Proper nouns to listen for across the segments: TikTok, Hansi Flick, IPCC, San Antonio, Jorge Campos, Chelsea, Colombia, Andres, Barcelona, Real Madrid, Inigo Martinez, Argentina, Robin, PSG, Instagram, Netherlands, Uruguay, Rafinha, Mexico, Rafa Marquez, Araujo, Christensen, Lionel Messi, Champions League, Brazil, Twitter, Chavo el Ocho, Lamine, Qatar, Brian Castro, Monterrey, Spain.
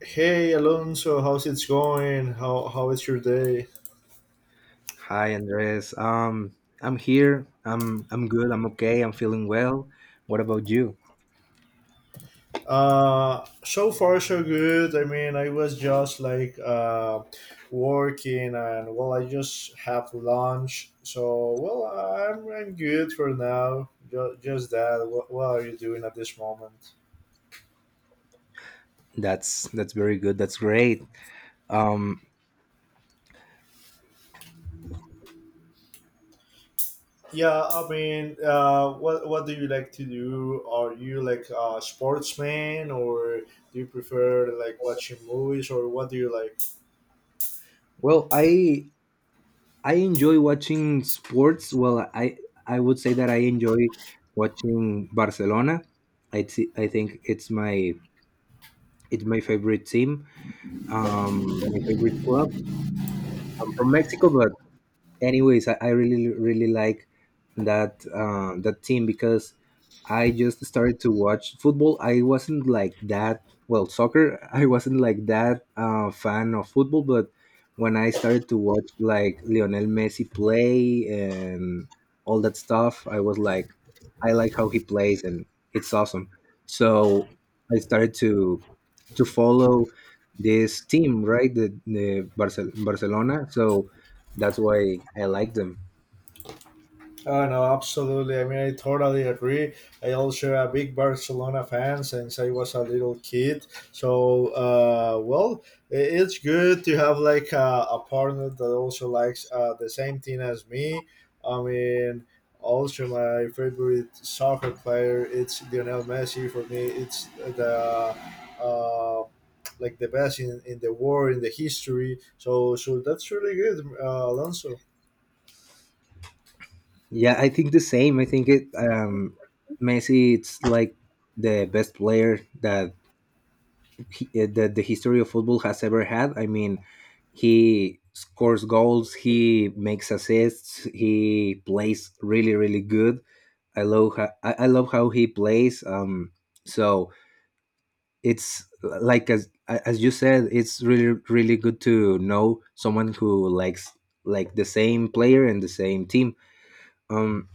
Hey Alonso, how's it going? How is your day? Hi, Andres. I'm here. I'm good. I'm okay. I'm feeling well. What about you? So far so good. I mean, I was just like working, and well, I just have lunch. So well, I'm good for now. Just that. What are you doing at this moment? That's very good. That's great. Um, Yeah, I mean, what do you like to do? Are you like a sportsman, or do you prefer like watching movies, or what do you like? well, I enjoy watching sports. Well, I would say that I enjoy watching Barcelona. I think it's my favorite team. My favorite club. I'm from Mexico, but anyways, I really like that team because I just started to watch football. I wasn't like that, well, soccer. I wasn't like that fan of football, but when I started to watch like Lionel Messi play and all that stuff, I was like, I like how he plays and it's awesome. So I started to follow this team, right? Barcelona. So that's why I like them. Oh no, absolutely. I mean, I totally agree. I also a big Barcelona fan since I was a little kid. So, well, it's good to have like a partner that also likes the same thing as me. I mean, also my favorite soccer player it's Lionel Messi. For me, it's the uh, like the best in the world in the history. So, that's really good, Alonso. Yeah, I think the same. I think it Messi it's like the best player that that the history of football has ever had. I mean, he scores goals, he makes assists, he plays really good. I love how he plays. So it's like, as you said, it's really good to know someone who likes like the same player and the same team. Um,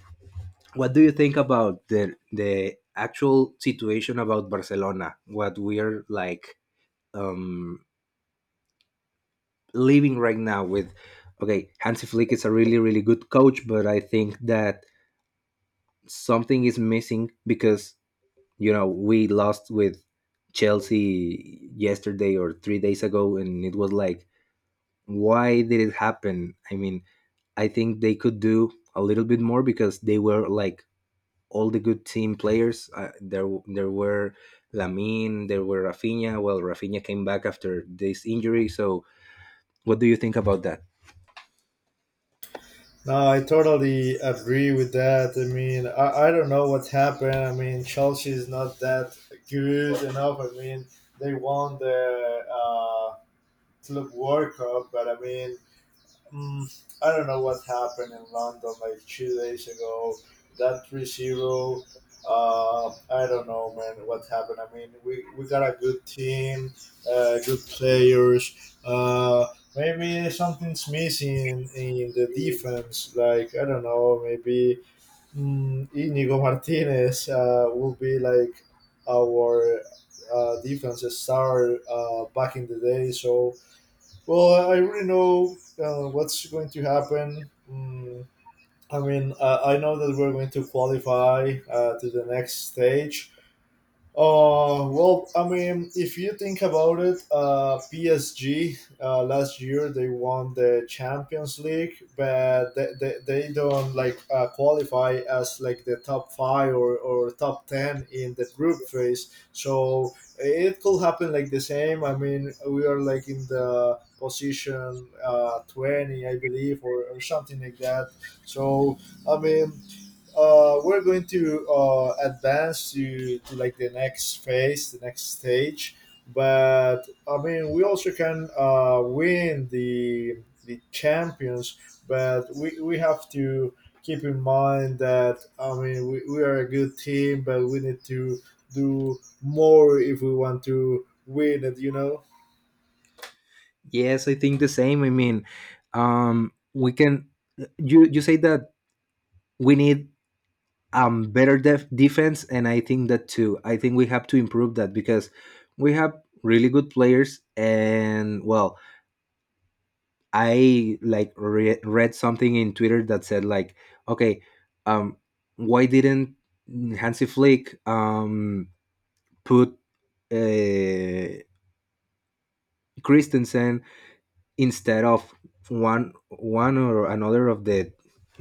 what do you think about the actual situation about Barcelona? What we're like, um, living right now with? Okay, Hansi Flick is a really good coach, but I think that something is missing because we lost with Chelsea yesterday or 3 days ago, and it was like, why did it happen? I mean, I think they could do a little bit more because they were like all the good team players. There were Lamine, there were Rafinha. Well, Rafinha came back after this injury. So, what do you think about that? No, I totally agree with that. I mean, I don't know what happened. I mean, Chelsea is not that good enough. I mean, they won the Club World Cup, but I mean, Mm, I don't know what happened in London like 2 days ago. That 3-0. 0, I don't know, man, what happened. I mean, we got a good team, good players. Maybe something's missing in the defense. Like, I don't know, maybe Inigo Martinez will be like our defense star back in the day. So well, I already know what's going to happen. I mean, I know that we're going to qualify to the next stage. Well, I mean, if you think about it, PSG last year they won the Champions League, but they don't like qualify as like the top five or top 10 in the group phase. So it could happen like the same. I mean, we are like in the position 20, I believe, or something like that. So I mean, we're going to advance to like the next phase, the next stage. But I mean, we also can win the champions, but we have to keep in mind that I mean we are a good team, but we need to do more if we want to win it. Yes, I think the same. I mean, we can. You say that we need better defense, and I think that too. I think we have to improve that because we have really good players, and well, I like read something in Twitter that said like, okay, um, why didn't Hansi Flick put uh, Christensen instead of one or another of the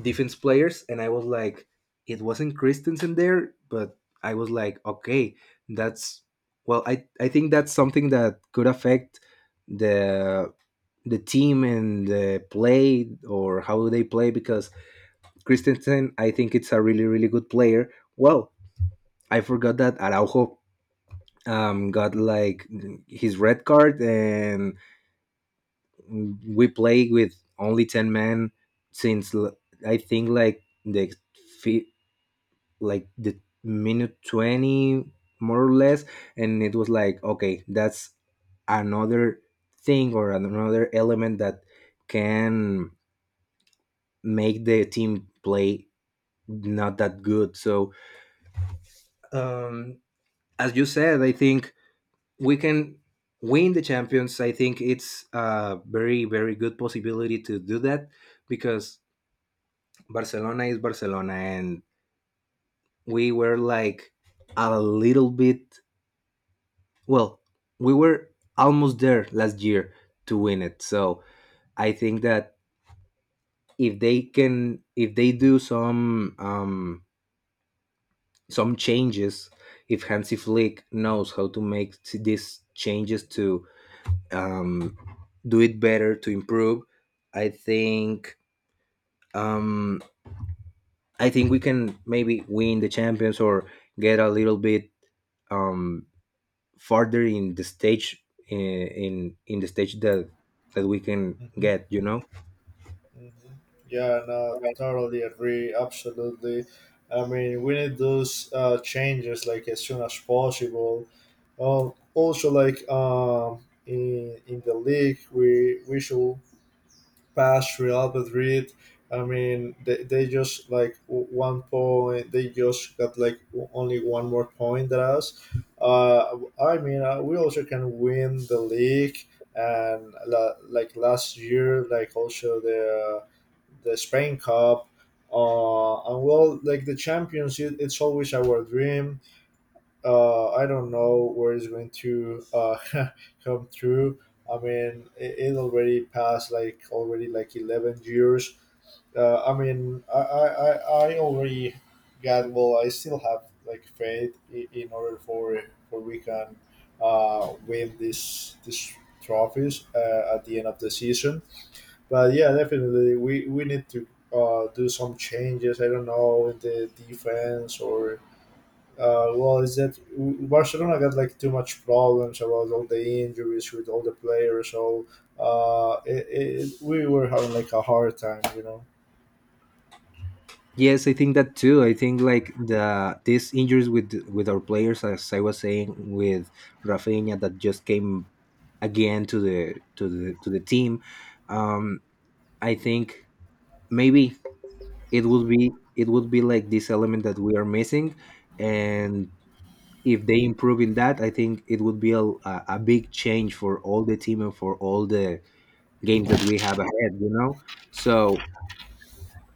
defense players. And I was like, it wasn't Christensen there, but I was like, okay, that's, well, I think that's something that could affect the the team and the play or how they play because Christensen, I think it's a really good player. Well, I forgot that Araujo got like his red card and we play with only 10 men since l- I think fi- like the minute 20 more or less, and it was like, okay, that's another thing or another element that can make the team play not that good. So, um as you said, I think we can win the champions. I think it's a very very good possibility to do that because Barcelona is Barcelona, and we were like a little bit. Well, we were almost there last year to win it. So I think that if they can, if they do some changes, if Hansi Flick knows how to make these changes to, um, do it better, to improve, I think um, I think we can maybe win the champions or get a little bit um, farther in the stage in the stage that we can Mhm. get. Mhm. Yeah, no, totally agree. Absolutely. I mean, we need those changes like as soon as possible. Also, like in the league, we should past Real Madrid. I mean, they just like 1 point. They just got like only one more point than us. Uh, I mean, we also can win the league, and like last year, like also the Spain Cup. And well, like the champions, it's always our dream. I don't know where it's going to come through. I mean, it already passed like already like 11 years. I mean, I already got well. I still have like faith in order for we can win this trophies at the end of the season. But yeah, definitely we need to do some changes. I don't know in the defense or well, is that Barcelona got like too much problems about all the injuries with all the players, so uh, it, we were having like a hard time. Yes, I think that too. I think like these injuries with our players, as I was saying, with Rafinha that just came again to the team. um I think maybe it would be it would be like this element that we are missing, and if they improve in that, I think it would be a big change for all the team and for all the games that we have ahead. So,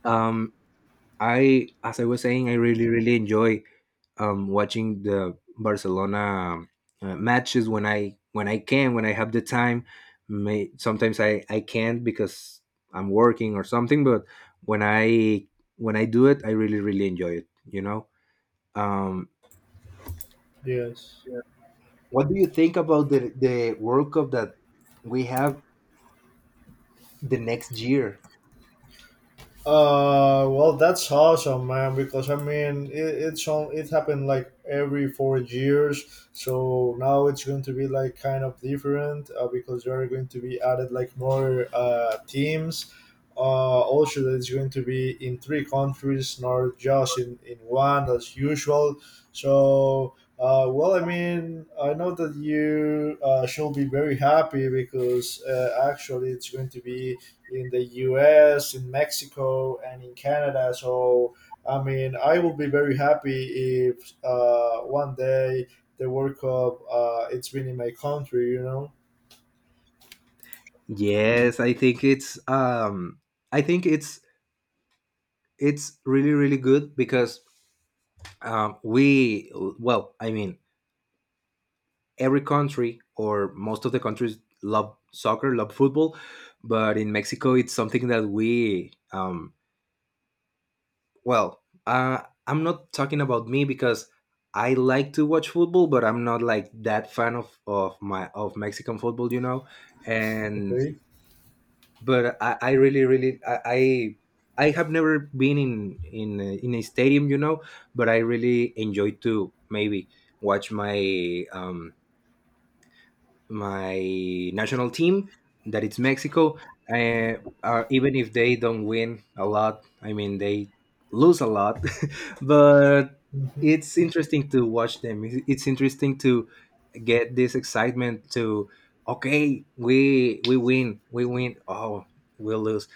um I, as I was saying, I really enjoy watching the Barcelona matches when I have the time. May sometimes I can't because I'm working or something, but when i when I do it, I really enjoy it um Yes. what do you think about the World Cup that we have the next year? Well, that's awesome, man. Because I mean, it's on. It happened like every 4 years, so now it's going to be like kind of different because there are going to be added like more teams. Also, that it's going to be in three countries, not just in one as usual. So. Well, I mean, I know that you should be very happy because actually it's going to be in the US, in Mexico, and in Canada. So, I mean, I will be very happy if one day the World Cup it's been in my country. Yes, I think it's I think it's it's really good because, we, well, I mean, every country or most of the countries love soccer, love football, but in Mexico it's something that we well, I'm not talking about me because I like to watch football, but I'm not like that fan of Mexican football you know and Okay. But I really really I have never been in a stadium, but I really enjoy to maybe watch my national team that it's Mexico, uh, even if they don't win a lot. I mean, they lose a lot, but Mhm. it's interesting to watch them. It's interesting to get this excitement to, okay, we win, we win. Oh, we lose,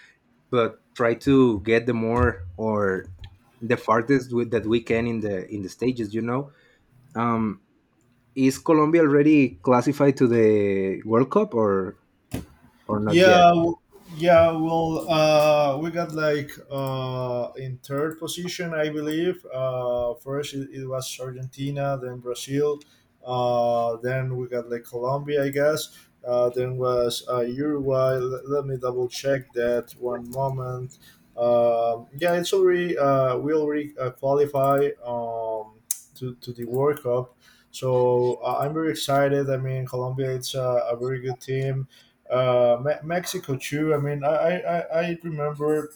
but try to get the more or the farthest with, that we can in the stages. You know, um, is Colombia already classified to the World Cup, or not yet? Yeah, yeah. Well, we got like in third position, I believe. First, it was Argentina, then Brazil, then we got like Colombia, I guess. Then was Uruguay. Let me double check that one moment. Yeah, it's already we already qualify to the World Cup, so I'm very excited. I mean, Colombia, it's a very good team. Mexico too. I mean, I remember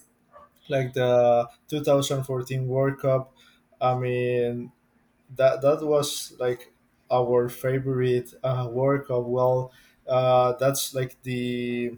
like the 2014 World Cup. I mean, that was like our favorite World Cup. Well, that's like the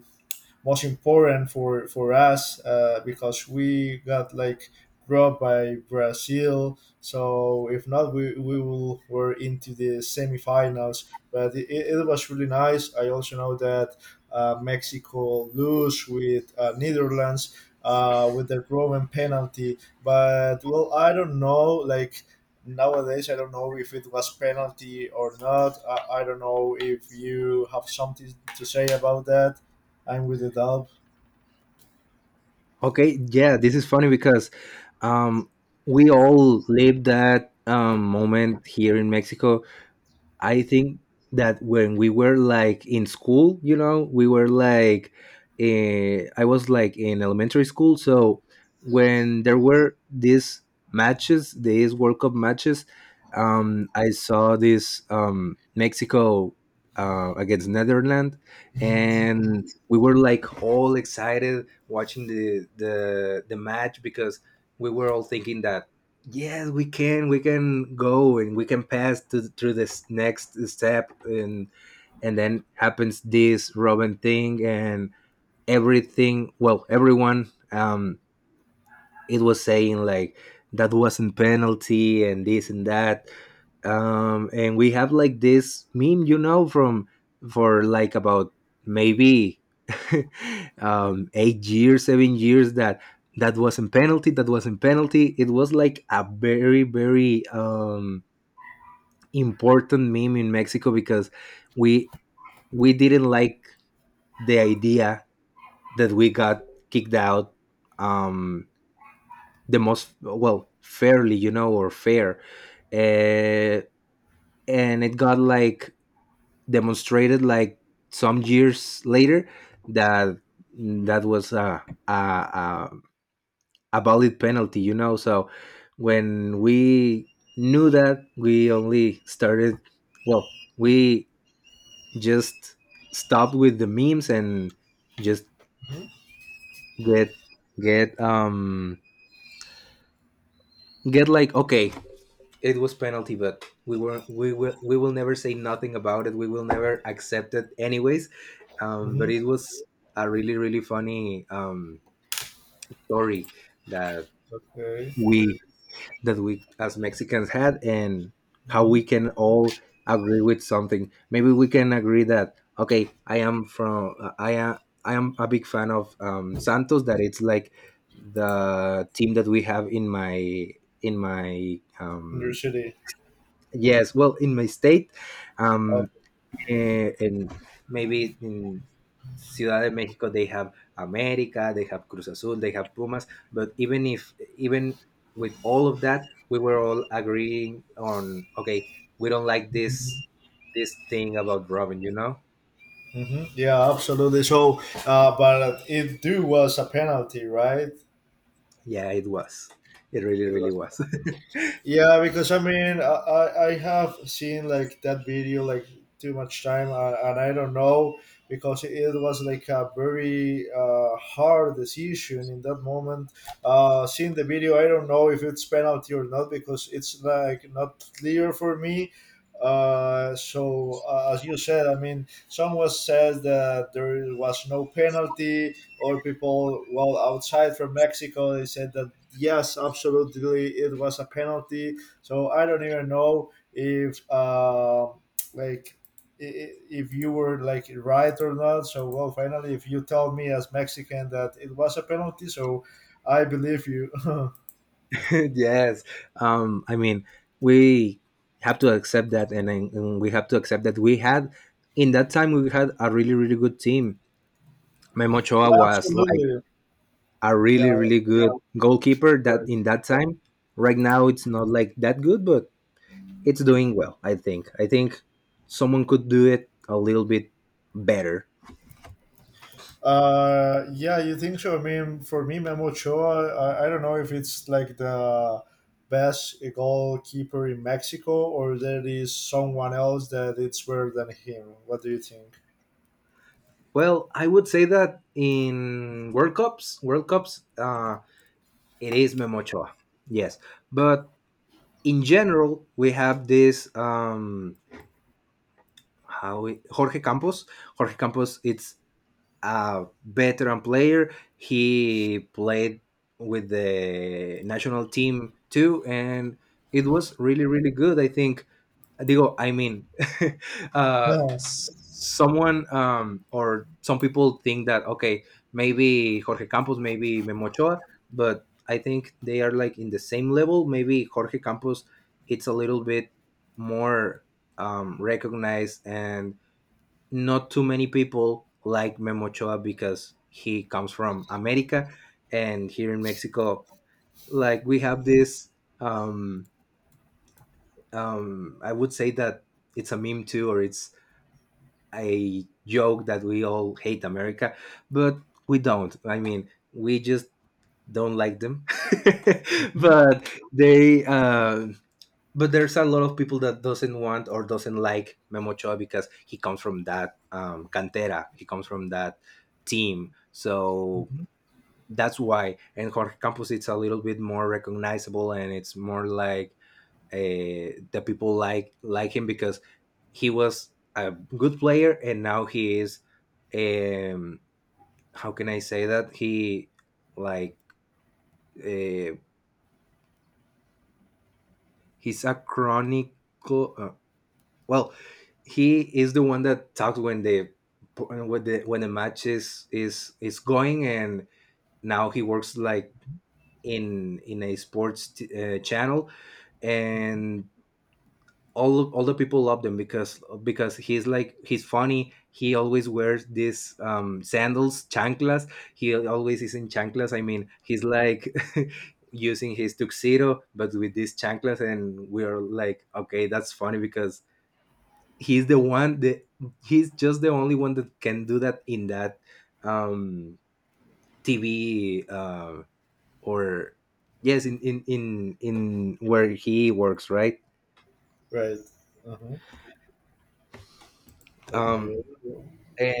most important for us because we got like grow up by Brazil. So if not, we will were into the semifinals. But it was really nice. I also know that Mexico lose with Netherlands with the Roman penalty. But well, I don't know. Like nowadays, I don't know if it was penalty or not. I don't know if you have something to say about that. I'm with the dub. Okay, yeah, this is funny because, um, we all live that moment here in Mexico. I think that when we were like in school, we were like, I was like in elementary school. So when there were these matches, these World Cup matches, I saw this Mexico against Netherlands, and we were like all excited watching the match because we were all thinking that, yes, we can. We can go and we can pass to through this next step, and then happens this Robin thing, and everything. Well, everyone it was saying like that wasn't penalty and this and that. And we have like this meme, you know from for like about maybe 8 years, 7 years, that wasn't penalty, that wasn't penalty. It was like a very very important meme in Mexico because we we didn't like the idea that we got kicked out, um the most, well, fairly, or fair, uh, and it got like demonstrated like some years later that that was a valid penalty. So when we knew that, we only started, well, we just stopped with the memes and just Mhm. get get um get like, okay, it was penalty, but we will never say nothing about it. We will never accept it, anyways. But Hmm. it was a really funny story that Okay. we that we as Mexicans had, and how Hmm. we can all agree with something. Maybe we can agree that, okay, I am from I am a big fan of Santos. That it's like the team that we have in my in my In your um, city. Yes, well, in my state, Oh. um, and maybe in Ciudad de Mexico, they have America, they have Cruz Azul, they have Pumas. But even if, even with all of that, we were all agreeing on, okay, we don't like this thing about Robin. You know? Hmm. Yeah, absolutely. So, but it do was a penalty, right? Yeah, it was. It really, It really was a was. penalty. Yeah, because I mean, I have seen like that video like too much time, and I don't know because it was like a very hard decision in that moment. Seeing the video, I don't know if it's penalty or not because it's like not clear for me. So as you said, I mean, someone said that there was no penalty, or people well outside from Mexico, they said that yes, absolutely, it was a penalty. So I don't even know if like if you were like right or not. So well, finally, if you tell me as Mexican that it was a penalty, so I believe you. Yes. I mean, we have to accept that, and we have to accept that we had in that time we had a really, really good team. Memo Ochoa Yeah, was like absolutely. a Yeah. really, really good goalkeeper that Okay. in that time. Right now, it's not like that good, but it's doing well, I think. I think someone could do it a little bit better. Yeah, you think so? I mean, for me, Memo Ochoa, I don't know if it's like the best goalkeeper in Mexico or there is someone else that it's better than him. What do you think? Well, I would say that in World Cups, it is Memo Ochoa. Yes. But in general, we have this Jorge Campos. Jorge Campos, it's a veteran player. He played with the national team too, and it was really, really good. I think, Digo, I mean, someone or some people think that, okay, maybe Jorge Campos, maybe Memo Ochoa, but I think they are like in the same level. Maybe Jorge Campos, it's a little bit more recognized and not too many people like Memo Ochoa because he comes from America, and here in Mexico, like we have this. Um, I would say that it's a meme too, or it's a joke that we all hate America, but we don't. I mean, we just don't like them, Mhm, but they but there's a lot of people that doesn't want or doesn't like Memo Ochoa because he comes from that cantera. He comes from that team, mhm, so mhm. that's why. And Jorge Campos, it's a little bit more recognizable, and it's more like, the people like him because he was a good player, and now he is. Um, how can I say that he like, uh, he's a chronic, uh, well, he is the one that talks when the match is going, and now he works like in a sports t- channel, and all the people love them because he's like, he's funny. He always wears these sandals, chanclas. He always is in chanclas. I mean, he's like, using his tuxedo but with these chanclas, and we're like, okay, that's funny because he's the one that, he's just the only one that can do that in that um TV, or yes, in where he works, right? Right. Uh-huh. Okay. um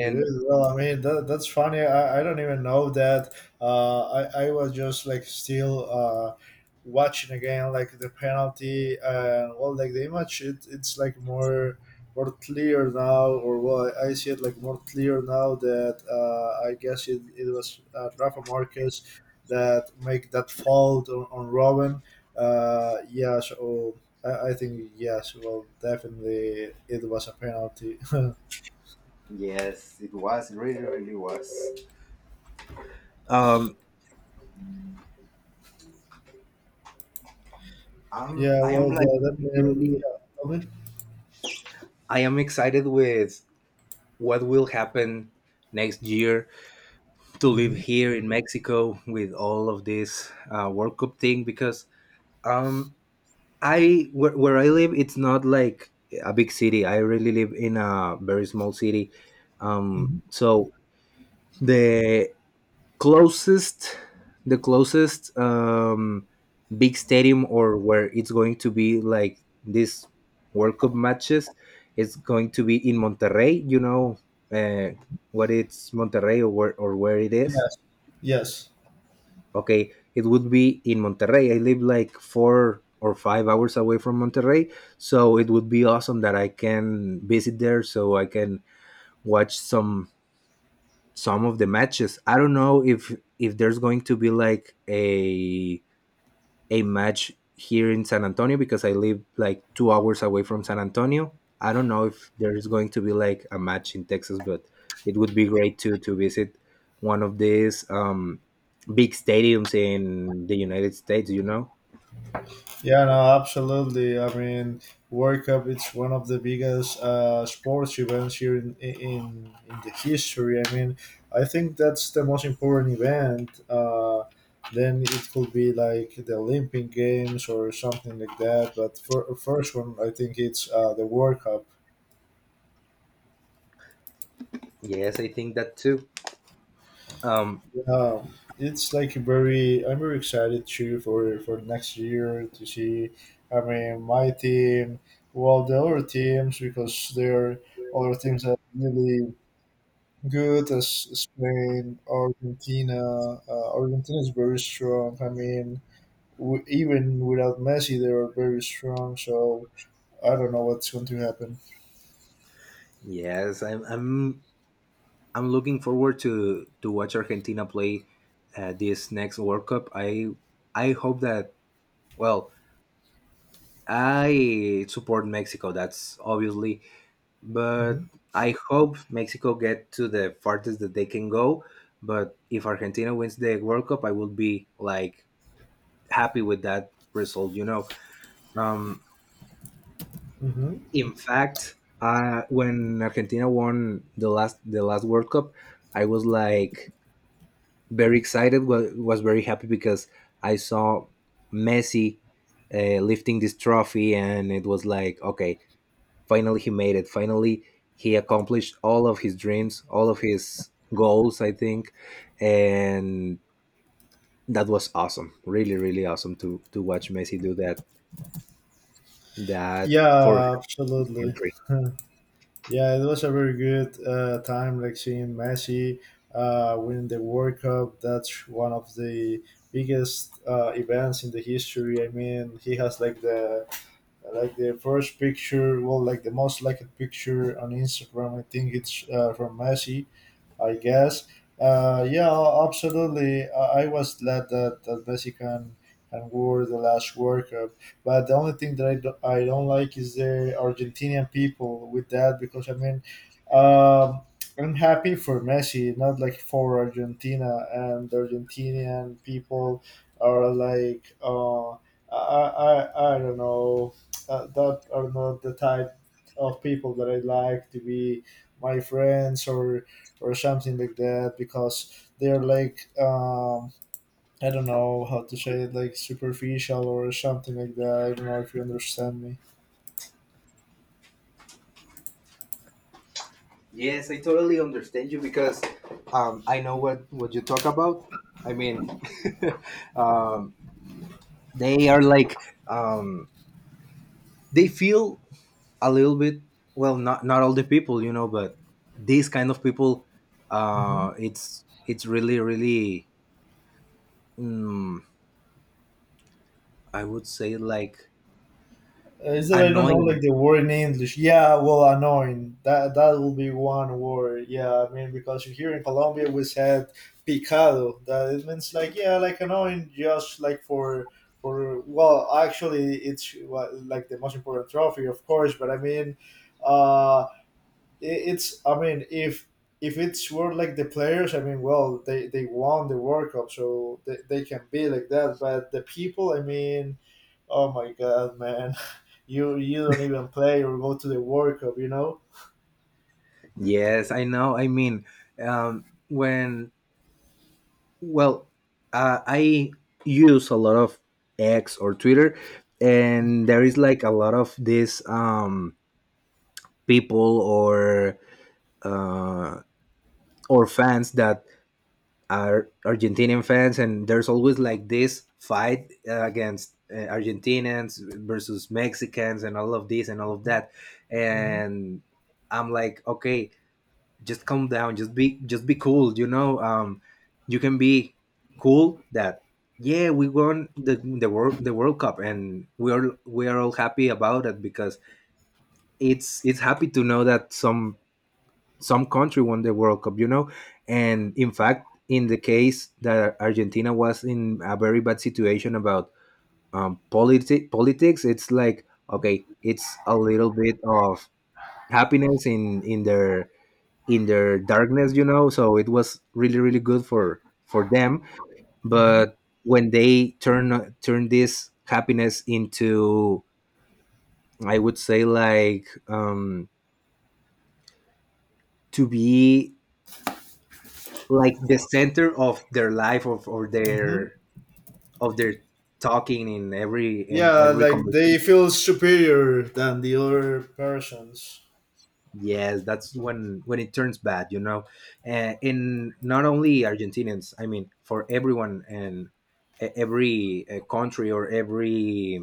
Good. Well, I mean that's funny. I don't even know that. I was just like still watching again like the penalty and well like the image it's like more clear now or well I see it like more clear now that I guess it was Rafa Marquez that make that fault on Robin. Yeah. So I think yes. Well, definitely it was a penalty. Yes, it was. It really, really was. um i'm Yeah, i am well, like but that really, really, yeah, okay. I am excited with what will happen next year to live Hmm. here in Mexico with all of this World Cup thing, because um I, where I live, it's not like a big city. I really live in a very small city. Um, Hmm. so the closest, the closest, big stadium or where it's going to be like this World Cup matches, is going to be in Monterrey. You know uh, what it's Monterrey or where, or where it is. Yes, yes, Okay, it would be in Monterrey. I live like 4 or 5 hours away from Monterrey, so it would be awesome that I can visit there so I can watch some of the matches. I don't know if there's going to be like a match here in San Antonio, because I live like 2 hours away from San Antonio. I don't know if there is going to be like a match in Texas, but it would be great to visit one of these big stadiums in the United States. You know? yeah, no, absolutely. I mean, World Cup it's one of the biggest sports events here in the history. I mean, I think that's the most important event. Then it could be like the Olympic Games or something like that. But for first one, I think it's the World Cup. Yes, I think that too. Um, Uh, it's like very. I'm very excited too for next year to see. I mean, my team, well, the other teams because there are other teams that are really good as Spain, Argentina. Argentina is very strong. I mean, even without Messi, they are very strong. So I don't know what's going to happen. yes, I'm looking forward to watch Argentina play, this next World Cup. I hope that, well, I support Mexico. That's obviously, Hmm. but I hope Mexico get to the farthest that they can go. But if Argentina wins the World Cup, I would be like happy with that result. You know, um, Hmm. in fact, when Argentina won the last World Cup, I was like very excited. Was very happy because I saw Messi lifting this trophy, and it was like, okay, finally he made it, finally he accomplished all of his dreams, all of his goals, I think, and that was awesome, really, really awesome to watch Messi do that for Yeah, his absolutely. country. Yeah, it was a very good time, like seeing Messi win the World Cup. That's one of the biggest events in the history. I mean, he has like the first picture, well, like the most liked picture on Instagram. I think it's from Messi, I guess. Yeah, absolutely. I was glad that Messi can wore the last World Cup. But the only thing that I don't like is the Argentinian people with that because, I mean, um, I'm happy for Messi, not like for Argentina. And the Argentinian people are like, I don't know, that are not the type of people that I like to be my friends or something like that because they're like I don't know how to say it like superficial or something like that. I don't know if you understand me. Yes, I totally understand you, because I know what you talk about. I mean, um, they are like, um, they feel a little bit, well, not all the people, you know, but these kind of people, Hmm. It's really, really, mm, I would say like, Is that I don't know annoying. like the word in English? Yeah, well, annoying. That will be one word. Yeah, I mean because here in Colombia we said picado. That it means like yeah, like annoying, just like for well, actually it's well, like the most important trophy, of course. But I mean, uh, it's I mean if it's were like the players. I mean well, they won the World Cup, so they can be like that. But the people, I mean, oh my god, man. You don't even play or go to the World Cup, you know. Yes, I know. I mean, when well I use a lot of X or Twitter, and there is like a lot of these people, uh or fans that are Argentinian fans, and there's always like this fight, against Argentinians versus Mexicans, and all of this and all of Hmm. that. Hmm. And I'm like, okay, just calm down, just be, just be cool, you know. You can be cool that, yeah, we won the the World Cup, and we are all happy about it because it's happy to know that some country won the World Cup, you know. And in fact, in the case that Argentina was in a very bad situation about politi- politics, it's like, okay, it's a little bit of happiness in their, in their darkness, you know. So it was really, really good for them. Hmm. But when they turn this happiness into, I would say like, to be like the center of their life of, or Hmm. their, of their talking in every, in Yeah, every like they conversation. feel superior than the other persons. Yes, that's when it turns bad, you know. And, in not only Argentinians, I mean for everyone, and e- every country or every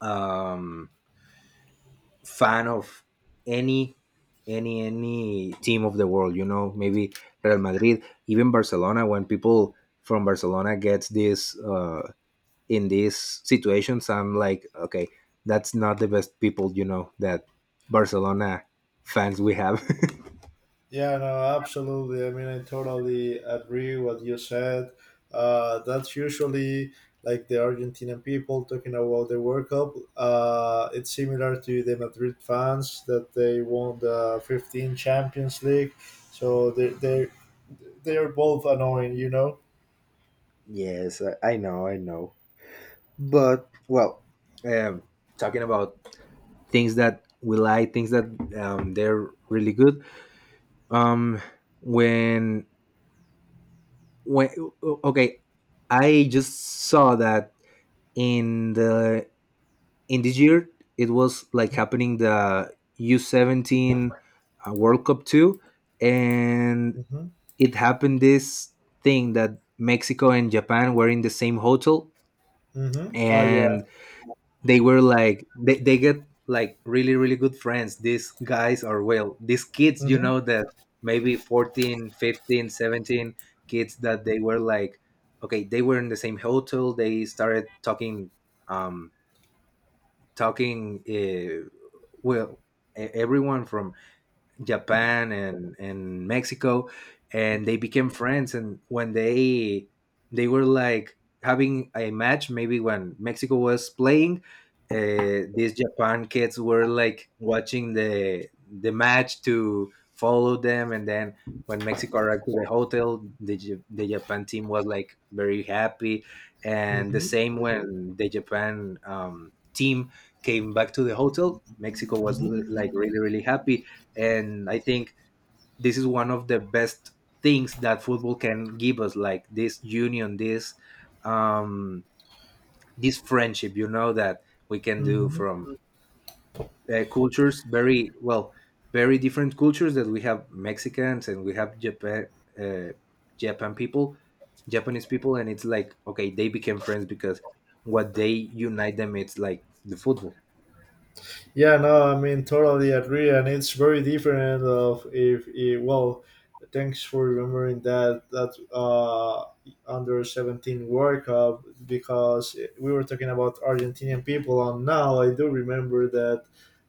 um fan of any, any team of the world, you know, maybe Real Madrid, even Barcelona, when people from Barcelona gets this, in these situations, I'm like, okay, that's not the best people, you know, that Barcelona fans we have. Yeah, no, absolutely. I mean, I totally agree what you said. That's usually like the Argentinian people talking about the World Cup. It's similar to the Madrid fans that they won the 15 Champions League. So they they are both annoying, you know. Yes, I know, I know. But well, um, talking about things that we like, things that, they're really good. Um, when when Okay, I just saw that in the, in this year, it was like happening the U17 World Cup too, and Mm-hmm. it happened this thing that Mexico and Japan were in the same hotel, Mm-hmm. Mm-hmm. Ah, yeah. and they were like, they get like really, really good friends. These guys are, well, these kids, you Mm-hmm. know, that maybe 14, 15, 17 kids, that they were like, okay, they were in the same hotel. They started talking, um talking uh, well, e- everyone from Japan and Mexico, and they became friends. And when they were like having a match, maybe when Mexico was playing, these Japan kids were like watching the match to follow them, and then when Mexico arrived to the hotel, the J- the Japan team was like very happy, and the Mm-hmm. same when the Japan team came back to the hotel, Mexico was l- Mm-hmm. like really, really happy, and I think this is one of the best things that football can give us, like this union, this um this friendship, you know, that we can do Mm-hmm. from cultures, very well, very different cultures, that we have Mexicans and we have Japan, uh, Japan people, Japanese people, and it's like, okay, they became friends because what they unite them, it's like the football. Yeah, no, I mean totally agree, and it's very different of if it, well, thanks for remembering that under 17 World Cup, because we were talking about Argentinian people, and now I do remember that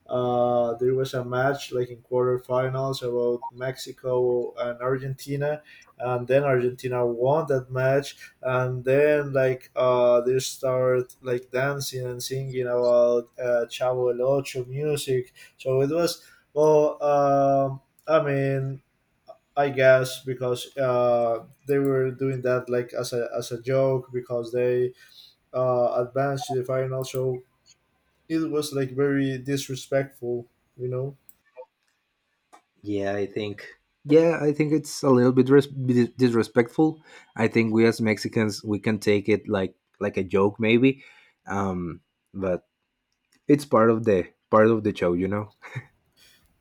there was a match like in quarterfinals about Mexico and Argentina, and then Argentina won that match, and then like they start like dancing and singing about Chavo el Ocho music. So it was, well, I mean, I guess because they were doing that like as a joke, because they advanced to the final. So it was like very disrespectful, you know. Yeah, I think. Yeah, I think it's a little bit res- dis- disrespectful. I think we as Mexicans we can take it like a joke maybe, um, but it's part of the, part of the show, you know.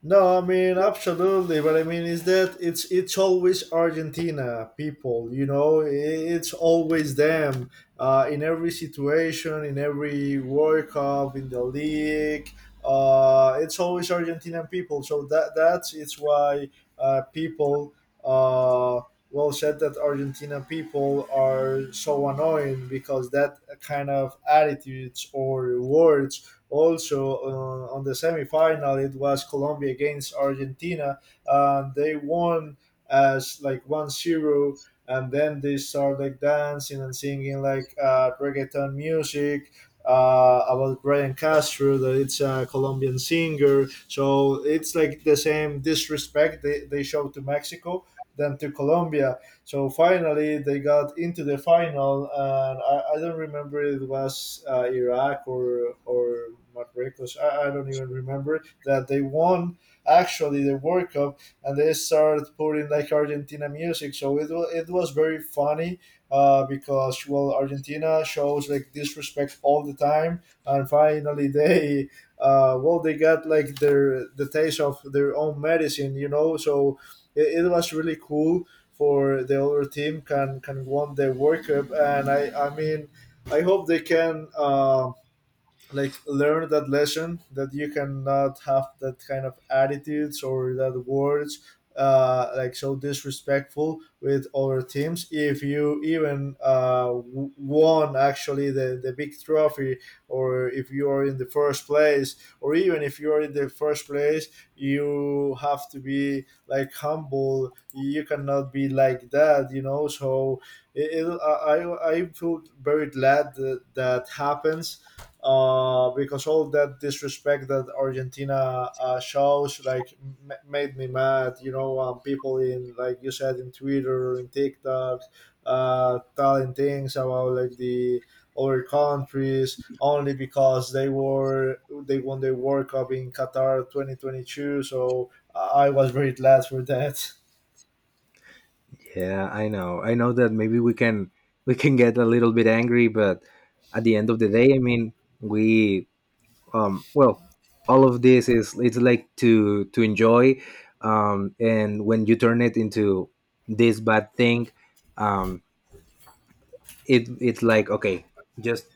No, I mean absolutely, but I mean is that it's always Argentina people, you know, it's always them in every situation, in every World Cup, in the league. It's always Argentinian people, so that's it's why people, uh, well, said that Argentina people are so annoying, because that kind of attitudes or words, also on the semifinal it was Colombia against Argentina, and they won as like 1-0. And then they start like dancing and singing like reggaeton music about Brian Castro, that it's a Colombian singer. So it's like the same disrespect they show to Mexico than to Colombia. So finally, they got into the final, and I don't remember, it was Iraq or Marruecos. I don't even remember that they won actually the World Cup, and they started putting like Argentina music. So it was very funny, because well, Argentina shows like disrespect all the time, and finally they, well, they got like their the taste of their own medicine, you know. So it was really cool for the other team can won the World Cup, and I mean I hope they can like learn that lesson, that you cannot have that kind of attitudes or that words, like so disrespectful with other teams if you even won actually the big trophy, or if you are in the first place, or even if you are in the first place you have to be like humble. You cannot be like that, you know. So it, I feel very glad that that happens, because all that disrespect that Argentina shows like made me mad. You know, people in, like you said, in Twitter and TikTok, telling things about like the other countries only because they won the World Cup in Qatar 2022. So I was very glad for that. Yeah, I know. I know that maybe we can, we can get a little bit angry, but at the end of the day, I mean, we, well, all of this is, it's like to enjoy, and when you turn it into this bad thing, um it, it's like, okay, just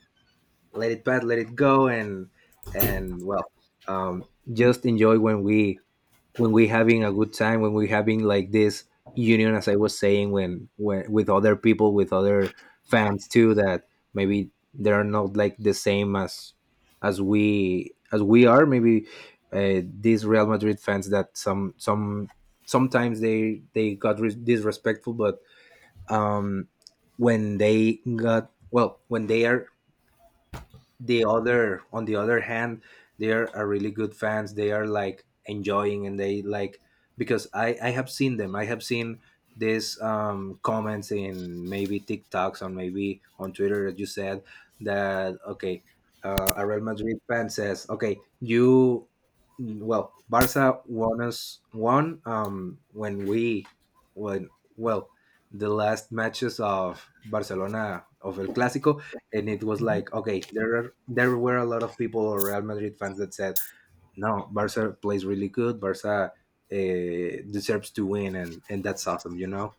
let it pass, let it go, and well, um just enjoy when we, when we having a good time, when we having like this union, as I was saying, when, with other people, with other fans too, that maybe they're not like the same as we, as we are, maybe these Real Madrid fans that some sometimes they got re- disrespectful, but um when they got, well, when they are the other, on the other hand, they are, a really good fans, they are like enjoying, and they like, because I have seen them, I have seen these comments in maybe TikToks or maybe on Twitter, that you said, that okay, a Real Madrid fan says, okay, you, well, Barça won us, won, when we, when, well, the last matches of Barcelona of El Clasico, and it was like, okay, there are, there were a lot of people, or Real Madrid fans, that said, no, Barca plays really good, Barca deserves to win, and that's awesome, you know.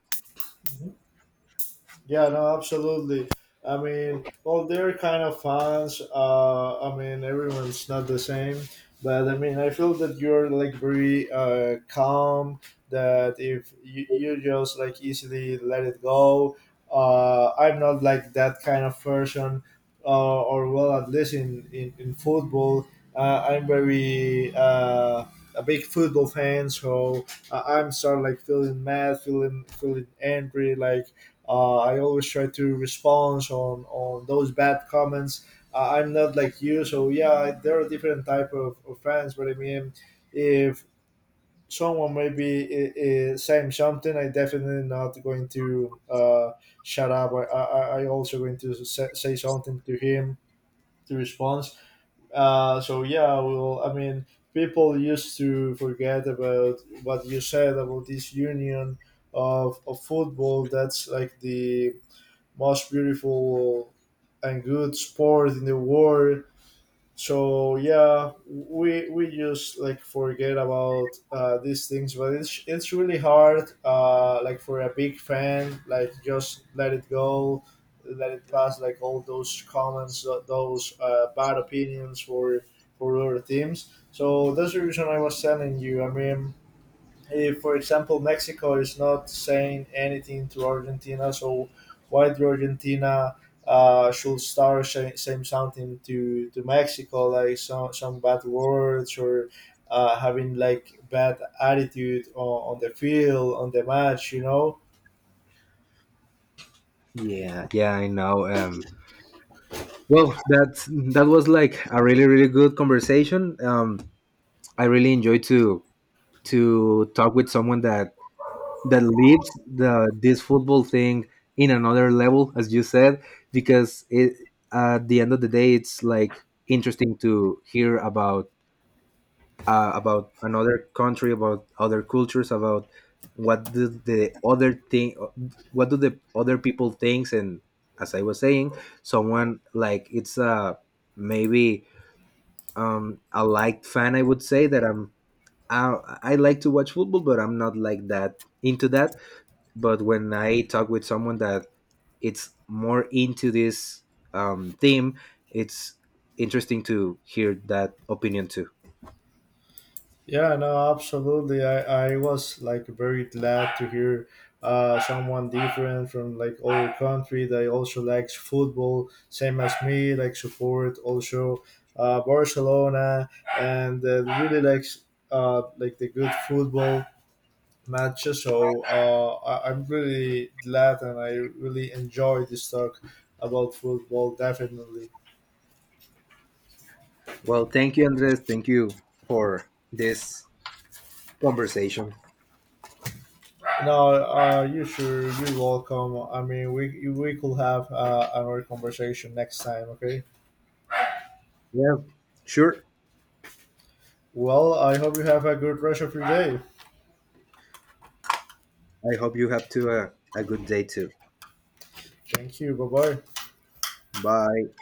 Yeah, no, absolutely. I mean, well, they're kind of fans. I mean, everyone's not the same, but I mean, I feel that you're like very calm. That if you just like easily let it go. I'm not like that kind of person, or well, at least in football, I'm very a big football fan. So I I'm start like feeling mad, feeling angry, like, I always try to respond on those bad comments. I'm not like you, so yeah, there are different type of fans. But I mean, if someone maybe is saying something, I definitely not going to shut up. I also going to say, say something to him to respond. So yeah, well, I mean, people used to forget about what you said about this union of football. That's like the most beautiful and good sport in the world. So yeah, we just like forget about these things, but it's really hard. Like for a big fan, like just let it go, let it pass. Like all those comments, those bad opinions for other teams. So that's the reason I was telling you. I mean, if, for example, Mexico is not saying anything to Argentina, so why do Argentina should start saying, saying something to Mexico, like some bad words or having like bad attitude on the field, on the match, you know? Yeah, yeah, I know. Well, that, that was like a really, really good conversation. I really enjoyed to talk with someone that, that lives the, this football thing in another level, as you said, because it, at the end of the day, it's like interesting to hear about, about another country, about other cultures, about what do the other thing, what do the other people thinks, and as I was saying, someone like, it's a maybe, a liked fan. I would say that I'm, I like to watch football, but I'm not like that into that. But when I talk with someone that, it's more into this theme, it's interesting to hear that opinion too. Yeah, no, absolutely. I was like very glad to hear someone different from like our country that also likes football, same as me, like support also Barcelona and really likes like the good football matches. So I'm really glad and I really enjoy this talk about football, definitely. Well, thank you, Andres. Thank you for this conversation. No, you sure you're welcome. I mean, we could have another conversation next time, okay? Yeah, sure. Well, I hope you have a good rest of your day. I hope you have to, a good day too. Thank you. Bye bye. Bye.